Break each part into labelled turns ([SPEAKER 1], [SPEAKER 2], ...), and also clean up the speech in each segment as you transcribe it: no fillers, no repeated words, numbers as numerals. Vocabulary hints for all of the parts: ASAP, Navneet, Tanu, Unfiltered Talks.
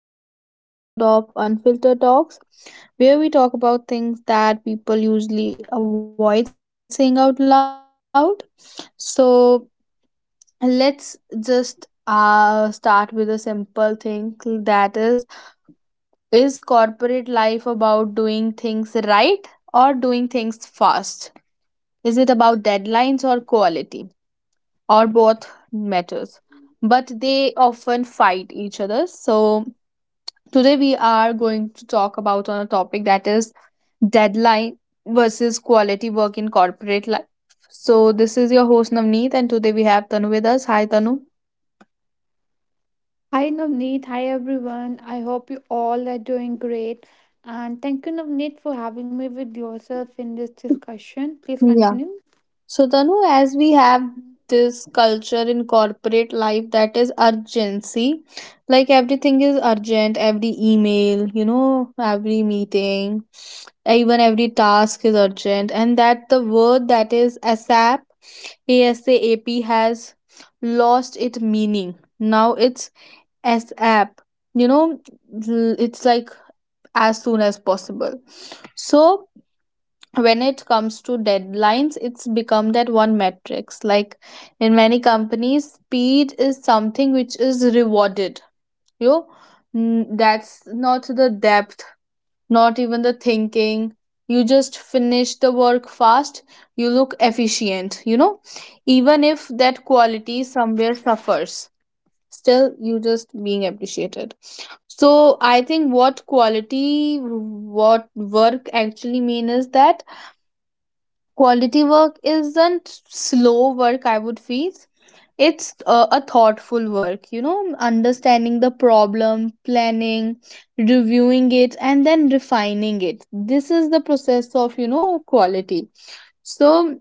[SPEAKER 1] everyone. Welcome back to another episode of Unfiltered Talks, where we talk about things that people usually avoid saying out loud. So, let's just start with a simple thing: that is corporate life about doing things right or doing things fast? Is it about deadlines or quality? Or both matters. But they often fight each other. So, today we are going to talk about on a topic that is deadline versus quality work in corporate life. So this is your host Navneet, and today we have Tanu with us. Hi Tanu.
[SPEAKER 2] Hi Navneet, hi everyone. I hope you all are doing great. And thank you, Navneet, for having me with yourself in this discussion. Please
[SPEAKER 1] Yeah.
[SPEAKER 2] continue.
[SPEAKER 1] So, Tanu, as we have this culture in corporate life that is urgency, like everything is urgent, every email, you know, every meeting, even every task is urgent, and that the word that is ASAP, ASAP has lost its meaning. Now it's ASAP, you know, it's like as soon as possible. So, when it comes to deadlines it's become that one metrics, like in many companies speed is something which is rewarded, you know. That's not the depth, not even the thinking. You just finish the work fast, you look efficient, you know, even if that quality somewhere suffers, still you just being appreciated. So I think what quality, what work actually mean is that quality work isn't slow work, I would feel. It's a thoughtful work, you know, understanding the problem, planning, reviewing it, and then refining it. This is the process of, you know, quality. So,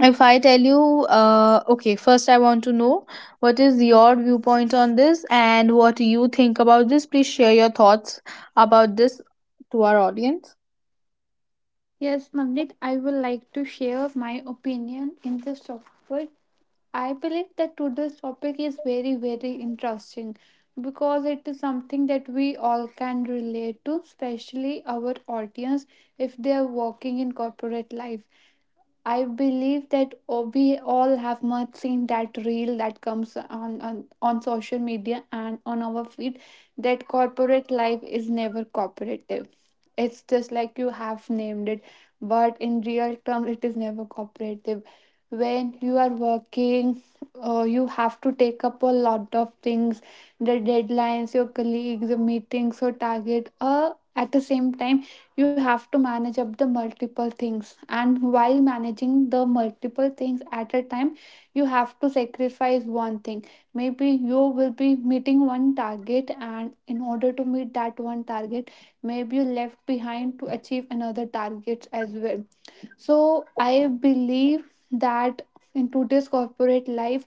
[SPEAKER 1] if I tell you, okay, first I want to know what is your viewpoint on this and what you think about this. Please share your thoughts about this to our audience.
[SPEAKER 2] Yes, Navneet, I would like to share my opinion in this topic. I believe that today's topic is very, very interesting because it is something that we all can relate to, especially our audience if they are working in corporate life. I believe that we all have much seen that reel that comes on social media and on our feed that corporate life is never cooperative. It's just like you have named it, but in real terms, it is never cooperative. When you are working, you have to take up a lot of things, the deadlines, your colleagues, your meetings, your target. At the same time, you have to manage up the multiple things. And while managing the multiple things at a time, you have to sacrifice one thing. Maybe you will be meeting one target and in order to meet that one target may be left behind to achieve another target as well. So I believe that in today's corporate life,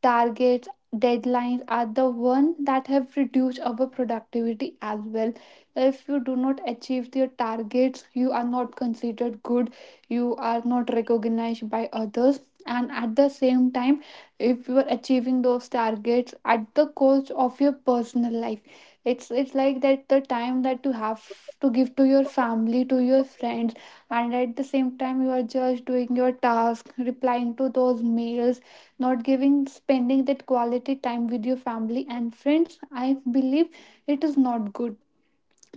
[SPEAKER 2] targets, deadlines are the one that have reduced our productivity as well. If you do not achieve your targets, you are not considered good, you are not recognized by others. And at the same time, if you are achieving those targets at the cost of your personal life, it's like that the time that you have to give to your family, to your friends, and at the same time you are just doing your task, replying to those mails, not giving spending that quality time with your family and friends. I believe it is not good,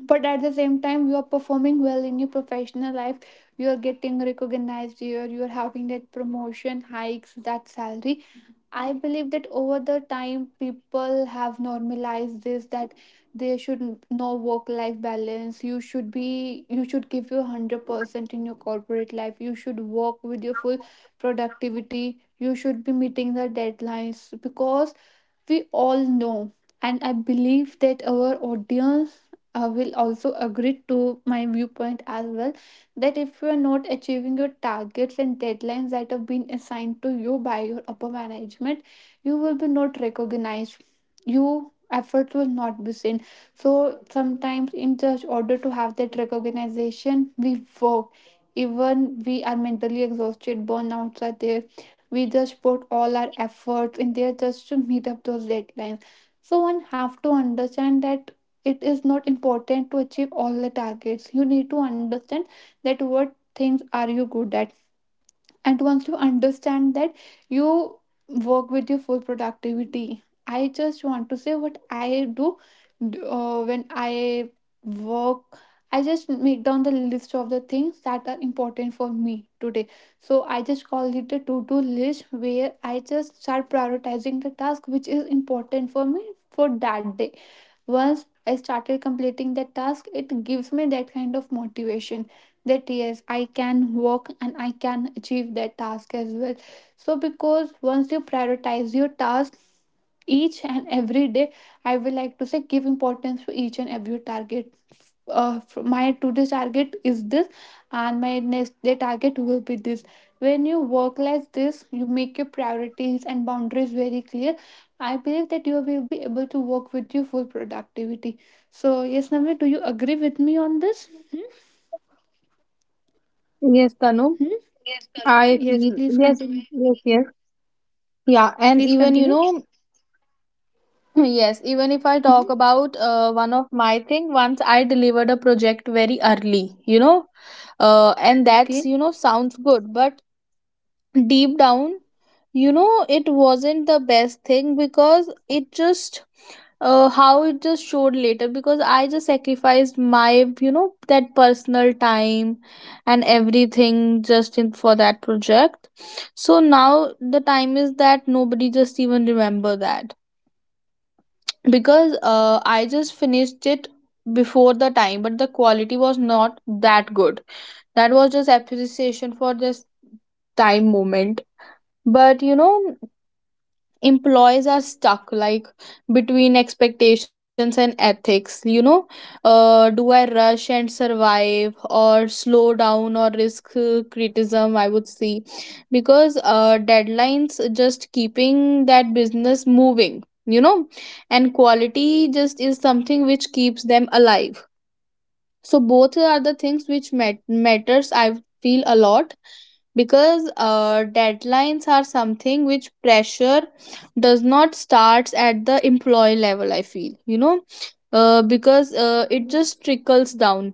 [SPEAKER 2] but at the same time you are performing well in your professional life, you are getting recognized here, you are having that promotion hikes, that salary. I believe that over the time, people have normalized this that there should no work life balance. You should be, you should give your 100% in your corporate life. You should work with your full productivity. You should be meeting the deadlines because we all know, and I believe that our audience will also agree to my viewpoint as well, that if you are not achieving your targets and deadlines that have been assigned to you by your upper management, you will be not recognized. Your efforts will not be seen. So sometimes in just order to have that recognition, we work even we are mentally exhausted, burnouts are there, we just put all our efforts in there just to meet up those deadlines. So one have to understand that it is not important to achieve all the targets. You need to understand that what things are you good at, and once you understand that, you work with your full productivity. I just want to say what I do, when I work, I just make down the list of the things that are important for me today. So I just call it a to-do list, where I just start prioritizing the task which is important for me for that day. Once I started completing that task, it gives me that kind of motivation that yes, I can work and I can achieve that task as well. So, because once you prioritize your task, each and every day, I will like to say give importance to each and every target. uh, my today's target is this and my next day target will be this. When you work like this, you make your priorities and boundaries very clear. I believe that you will be able to work with your full productivity. So yes, Namni, do you agree with me on this? Hmm?
[SPEAKER 1] Yes, Tanu, I
[SPEAKER 2] Hmm?
[SPEAKER 1] feel yes, yes,
[SPEAKER 2] Yes, please
[SPEAKER 1] yes.
[SPEAKER 2] continue,
[SPEAKER 1] Yeah, and even you know,
[SPEAKER 2] please continue.
[SPEAKER 1] yes, even if I talk
[SPEAKER 2] Hmm?
[SPEAKER 1] about one of my thing, once I delivered a project very early, you know, and that's you
[SPEAKER 2] Okay.
[SPEAKER 1] know sounds good, but deep down you know it wasn't the best thing, because it just how it just showed later, because I just sacrificed my you know that personal time and everything just in for that project. So now the time is that nobody just even remember that, because I just finished it before the time, but the quality was not that good. That was just appreciation for this time moment. But you know, employees are stuck like between expectations and ethics, you know. Do I rush and survive, or slow down or risk criticism, I would see? Because deadlines just keeping that business moving, you know, and quality just is something which keeps them alive. So both are the things which matters I feel, a lot, because deadlines are something which pressure does not starts at the employee level, I feel, you know. Because it just trickles down,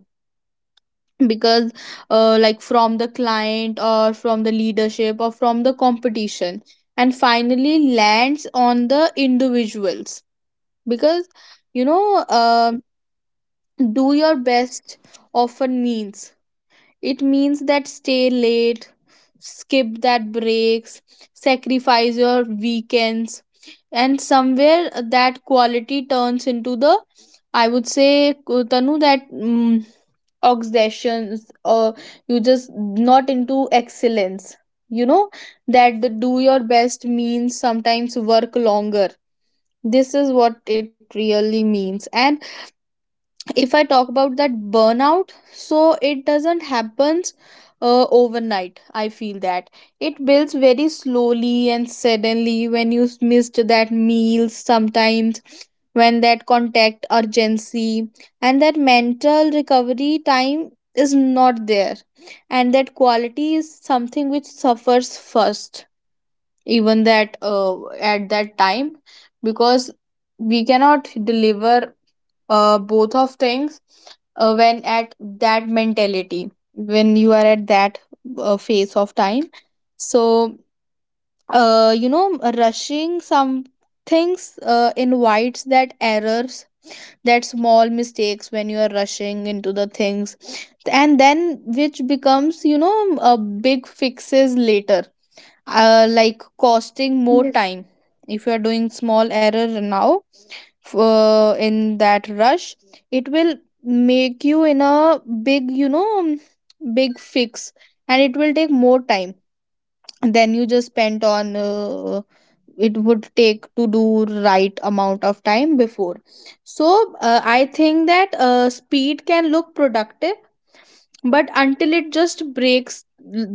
[SPEAKER 1] because like from the client or from the leadership or from the competition, and finally lands on the individuals, because you know do your best often means, it means that stay late, skip that breaks, sacrifice your weekends, and somewhere that quality turns into the, I would say, Tanu, that obsessions, or you just not into excellence. You know, that the do your best means sometimes work longer. This is what it really means. And if I talk about that burnout, so it doesn't happens overnight, I feel. That it builds very slowly, and suddenly when you missed that meal sometimes, when that contact urgency and that mental recovery time is not there, and that quality is something which suffers first, even that at that time, because we cannot deliver both of things when at that mentality, when you are at that phase of time. So you know, rushing some things invites that errors, that small mistakes when you are rushing into the things, and then which becomes you know a big fixes later, like costing more
[SPEAKER 2] Yes.
[SPEAKER 1] time. If you are doing small error now, in that rush, it will make you in a big you know big fix, and it will take more time than you just spent on it would take to do right amount of time before. So I think that speed can look productive, but until it just breaks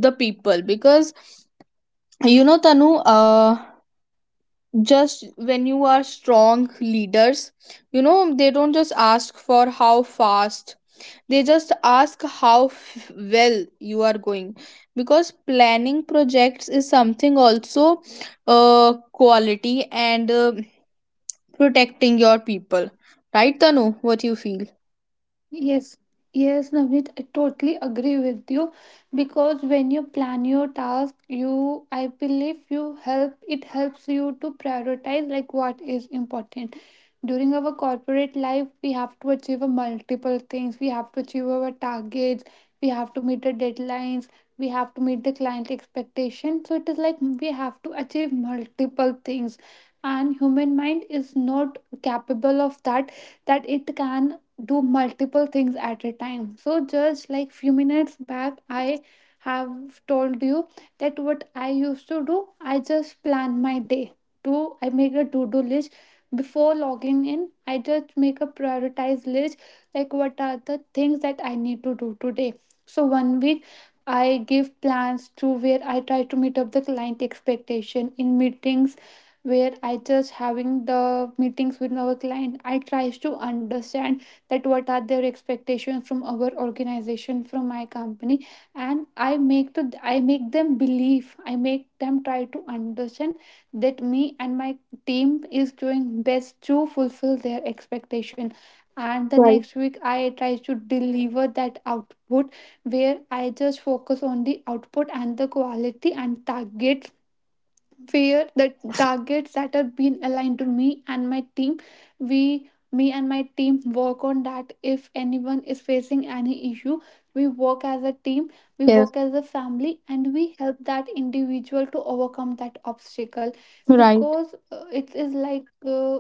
[SPEAKER 1] the people. Because you know Tanu, just when you are strong leaders you know, they don't just ask for how fast, they just ask how well you are going, because planning projects is something also quality, and protecting your people, right Tanu? What you feel?
[SPEAKER 2] Yes, yes, Navneet, I totally agree with you because when you plan your task, you I believe you help it helps you to prioritize like what is important. During our corporate life, we have to achieve a multiple things. We have to achieve our targets, we have to meet the deadlines, we have to meet the client expectation. So it is like we have to achieve multiple things. And human mind is not capable of that, that it can do multiple things at a time. So just like few minutes back I have told you that what I used to do, I just plan my day to I make a to-do list before logging in. I just make a prioritized list like what are the things that I need to do today. So one week I give plans to where I try to meet up the client expectation in meetings, where I just having the meetings with our client, I tries to understand that what are their expectations from our organization, from my company, and I make to I make them believe I make them try to understand that me and my team is doing best to fulfill their expectation. And the
[SPEAKER 1] Right.
[SPEAKER 2] next week I try to deliver that output, where I just focus on the output and the quality and target, where the targets that are being aligned to me and my team, we me and my team work on that. If anyone is facing any issue, we work as a team, we
[SPEAKER 1] Yes.
[SPEAKER 2] work as a family, and we help that individual to overcome that obstacle
[SPEAKER 1] Right.
[SPEAKER 2] because it is like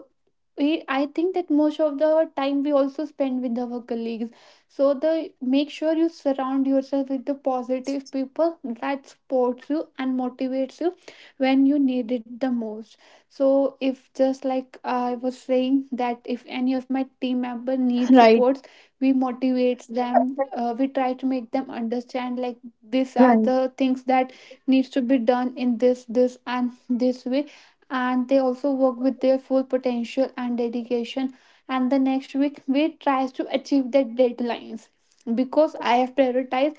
[SPEAKER 2] we I think that most of the time we also spend with our colleagues. So the make sure you surround yourself with the positive people that supports you and motivates you when you need it the most. So if just like I was saying that if any of my team member needs
[SPEAKER 1] Right.
[SPEAKER 2] supports, we motivates them, we try to make them understand like these are the
[SPEAKER 1] Right.
[SPEAKER 2] things that needs to be done in this this and this way, and they also work with their full potential and dedication, and the next week we tries to achieve their deadlines because I have prioritized,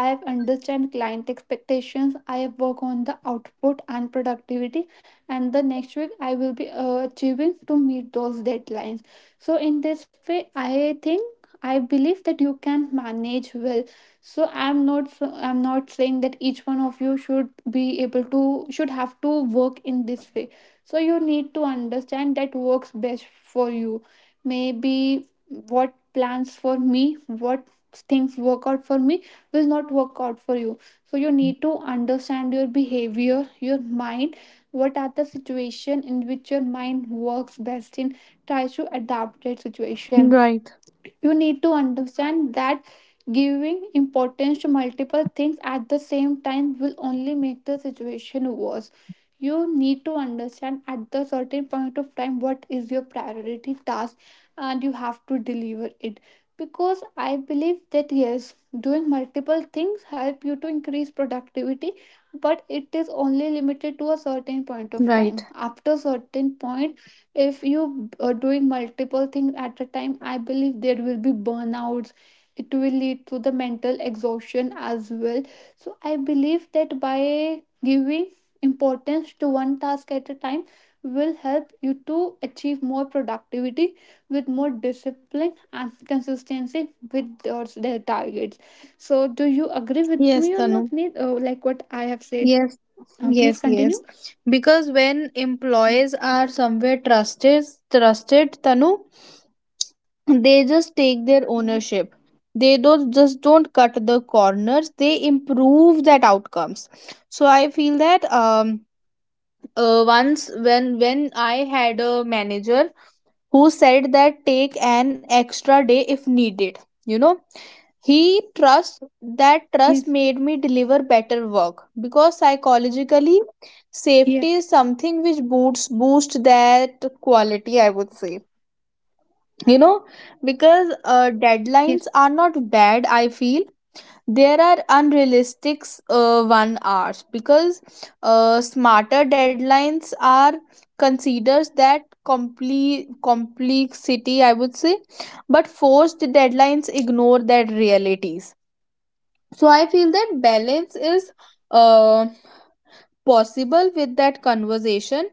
[SPEAKER 2] I have understand client expectations. I have work on the output and productivity, and the next week I will be achieving to meet those deadlines. So in this way, I think I believe that you can manage well. So I'm not saying that each one of you should be able to should have to work in this way. So you need to understand that works best for you. Maybe what plans for me, what things work out for me will not work out for you. So you need to understand your behavior, your mind, what are the situation in which your mind works best in, try to adapt that situation.
[SPEAKER 1] Right.
[SPEAKER 2] You need to understand that giving importance to multiple things at the same time will only make the situation worse. You need to understand at the certain point of time what is your priority task and you have to deliver it because I believe that yes, doing multiple things help you to increase productivity, but it is only limited to a certain point of
[SPEAKER 1] Right.
[SPEAKER 2] time. After certain point if you are doing multiple things at a time, I believe there will be burnouts, it will lead to the mental exhaustion as well. So I believe that by giving importance to one task at a time will help you to achieve more productivity with more discipline and consistency with your their targets. So do you agree with me
[SPEAKER 1] Yes,
[SPEAKER 2] on
[SPEAKER 1] Tanu.
[SPEAKER 2] Navneet? Oh, like what I have said.
[SPEAKER 1] Yes,
[SPEAKER 2] Please
[SPEAKER 1] yes,
[SPEAKER 2] continue.
[SPEAKER 1] yes. Because when
[SPEAKER 2] Mm.
[SPEAKER 1] employees are somewhere trusted, Tanu, they just take their
[SPEAKER 2] Mm.
[SPEAKER 1] ownership. They don't just don't cut the corners. They improve that outcomes. So I feel that once, when I had a manager who said that take an extra day if needed, you know, he trust. That
[SPEAKER 2] Yes,
[SPEAKER 1] trust made me deliver better work, because psychologically
[SPEAKER 2] yes,
[SPEAKER 1] safety is something which boosts boost that quality, I would say. You know, because
[SPEAKER 2] yes,
[SPEAKER 1] deadlines are not bad I feel, there are unrealistic one hours, because smarter deadlines are considers that complete complexity I would say, but forced deadlines ignore that realities. So I feel that balance is uh, possible with that conversation.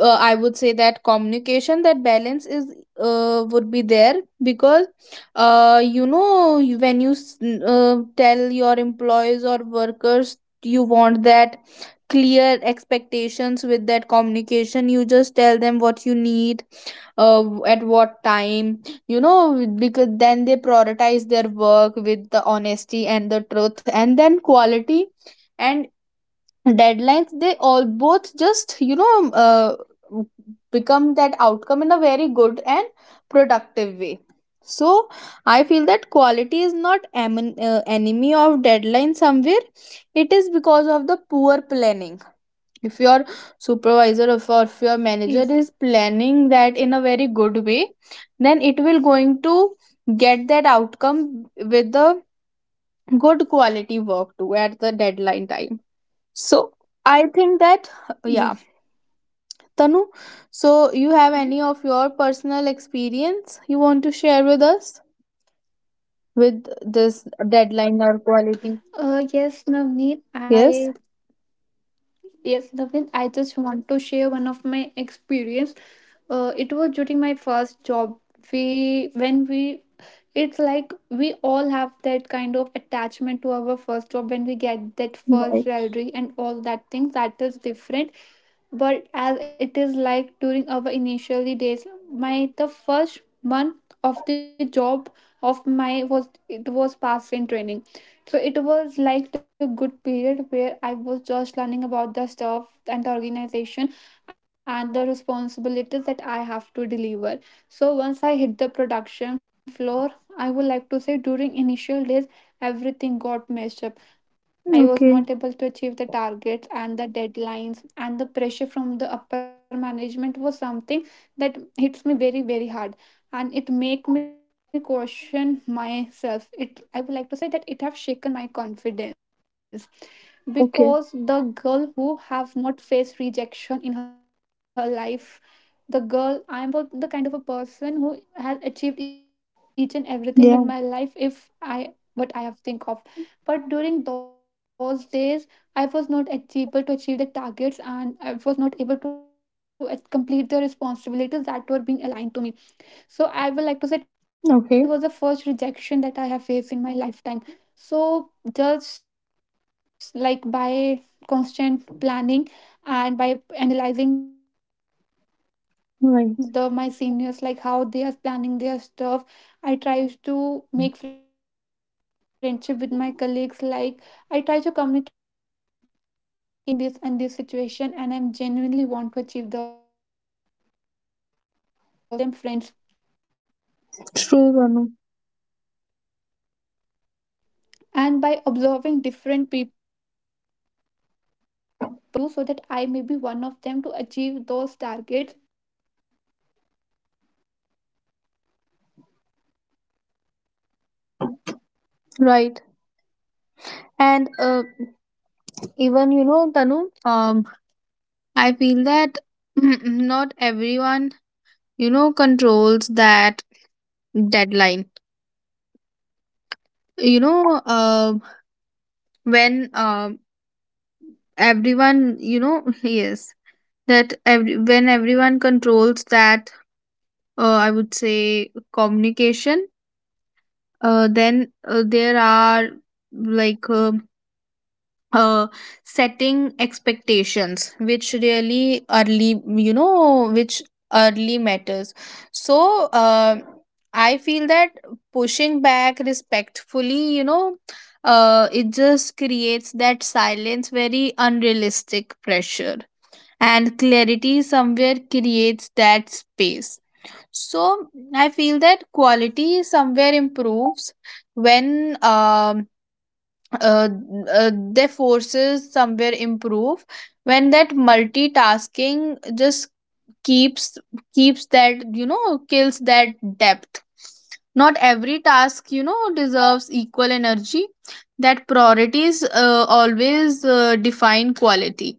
[SPEAKER 1] I would say that communication, that balance is would be there, because you know, you- when tell your employees or workers, you want that clear expectations with that communication. You just tell them what you need uh, at what time, you know, because then they prioritize their work with the honesty and the truth, and then quality and deadlines, they all both just you know become that outcome in a very good and productive way. So I feel that quality is not enemy of deadline. Somewhere it is because of the poor planning. If your supervisor, or if your
[SPEAKER 2] yes.
[SPEAKER 1] manager is planning that in a very good way, then it will going to get that outcome with the good quality work too at the deadline time. So I think that yeah,
[SPEAKER 2] Yes.
[SPEAKER 1] Tanu. So you
[SPEAKER 2] Hmm?
[SPEAKER 1] have any of your personal experience you want to share with us with this deadline or
[SPEAKER 2] Yes,
[SPEAKER 1] quality?
[SPEAKER 2] Navneet. I
[SPEAKER 1] Yes.
[SPEAKER 2] yes, Navneet. I just want to share one of my experience. It was during my first job, we when we it's like we all have that kind of attachment to our first job when we get that first
[SPEAKER 1] Right.
[SPEAKER 2] salary and all that things that is different. But as it is like during our initially days, my the first month of the job of my was it was passed in training. So it was like the good period where I was just learning about the stuff and the organization and the responsibilities that I have to deliver. So once I hit the production floor, I would like to say during initial days everything got messed up. I was not able to
[SPEAKER 1] Okay.
[SPEAKER 2] achieve the targets and the deadlines, and the pressure from the upper management was something that hits me very, very hard, and it make me question myself. It I would like to say that it have shaken my confidence because the
[SPEAKER 1] Okay.
[SPEAKER 2] girl who have not faced rejection in her life, the girl I am, the kind of a person who has achieved each and everything in my life
[SPEAKER 1] Yeah.
[SPEAKER 2] if I what I have think of. But during those days I was not able to achieve the targets, and I was not able to complete the responsibilities that were being aligned to me. So I will like to say it was the first rejection
[SPEAKER 1] Okay.
[SPEAKER 2] that I have faced in my lifetime. So just like by constant planning and by analyzing the my seniors like how they are planning their stuff,
[SPEAKER 1] Right.
[SPEAKER 2] I try to make friendship with my colleagues, like I try to communicate with them, I made them understand, hey guys, I'm facing this and this situation and I'm genuinely want to achieve those targets and responsibilities. I learn from them, I make them friends.
[SPEAKER 1] True, Tanu.
[SPEAKER 2] And by observing different people and like what the things are they doing and what I can do so that I may be one of them to achieve those targets. So by analyzing different people, having friendship with multiple people in the organization, by observing from them, by learning from
[SPEAKER 1] Right.
[SPEAKER 2] them, I believe that
[SPEAKER 1] And
[SPEAKER 2] I was able to
[SPEAKER 1] even you
[SPEAKER 2] achieve all
[SPEAKER 1] know,
[SPEAKER 2] those
[SPEAKER 1] Tanu.
[SPEAKER 2] targets that were being aligned
[SPEAKER 1] I
[SPEAKER 2] to
[SPEAKER 1] feel
[SPEAKER 2] me.
[SPEAKER 1] that
[SPEAKER 2] Yes.
[SPEAKER 1] not everyone you
[SPEAKER 2] Mm.
[SPEAKER 1] know controls that deadline, you know.
[SPEAKER 2] Yes.
[SPEAKER 1] When
[SPEAKER 2] Yes, yes, Navneet.
[SPEAKER 1] everyone you know
[SPEAKER 2] Yes, please
[SPEAKER 1] yes
[SPEAKER 2] continue.
[SPEAKER 1] that every, when everyone
[SPEAKER 2] Hmm.
[SPEAKER 1] controls that I would say communication, then
[SPEAKER 2] Hmm.
[SPEAKER 1] there
[SPEAKER 2] Hmm.
[SPEAKER 1] are
[SPEAKER 2] Hmm.
[SPEAKER 1] like uh, setting expectations which really early, you know, which early matters. So I feel that pushing back respectfully, you know, it just creates that silence very unrealistic pressure, and clarity somewhere creates that space. So I feel that quality somewhere improves when uh, uh, their forces somewhere improve, when that multitasking just keeps keeps that you know kills that depth. Not every task you know deserves equal energy. That priorities always define quality.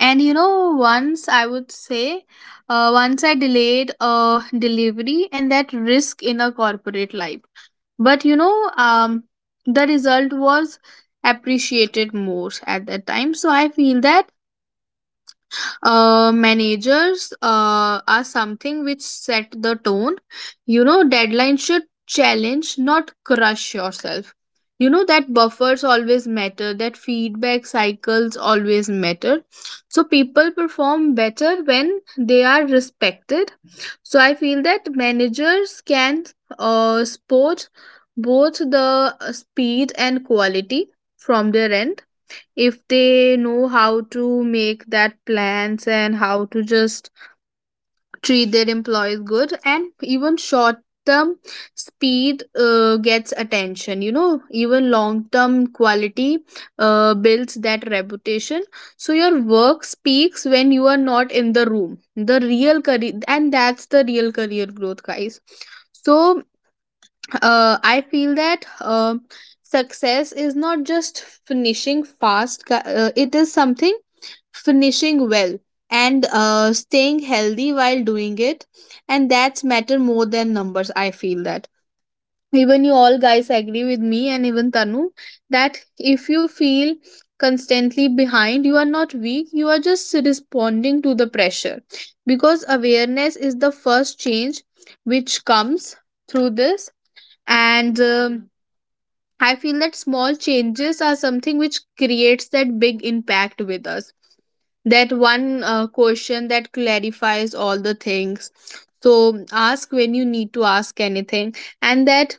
[SPEAKER 1] And you know, once I would say, once I delayed a delivery and that risk in a corporate life. But you know, the result was appreciated more at that time. So I feel that managers are something which set the tone, you know. Deadlines should challenge, not crush yourself, you know. That buffers always matter, that feedback cycles always matter, so people perform better when they are respected. So I feel that managers can support both the speed and quality from their end, if they know how to make that plans and how to just treat their employees good. And even short term speed gets attention you know, even long term quality builds that reputation. So your work speaks when you are not in the room, the real career, and that's the real career growth, guys. So I feel that success is not just finishing fast, it is something finishing well, and staying healthy while doing it, and that's matter more than numbers I feel. That even you all guys agree with me, and even Tanu, that if you feel constantly behind, you are not weak, you are just responding to the pressure. Because awareness is the first change which comes through this, and I feel that small changes are something which creates that big impact with us. That one question that clarifies all the things, so ask when you need to ask anything. And that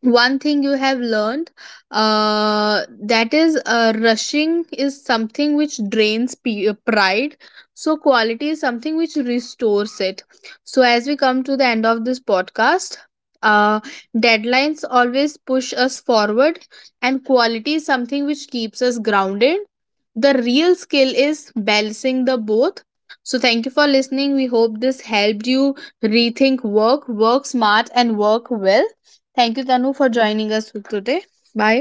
[SPEAKER 1] one thing you have learned that is rushing is something which drains pride, so quality is something which restores it. So as we come to the end of this podcast, uh, deadlines always push us forward, and quality is something which keeps us grounded. The real skill is balancing the both. So thank you for listening, we hope this helped you rethink work. Work smart and work well. Thank you Tanu for joining us today. Bye.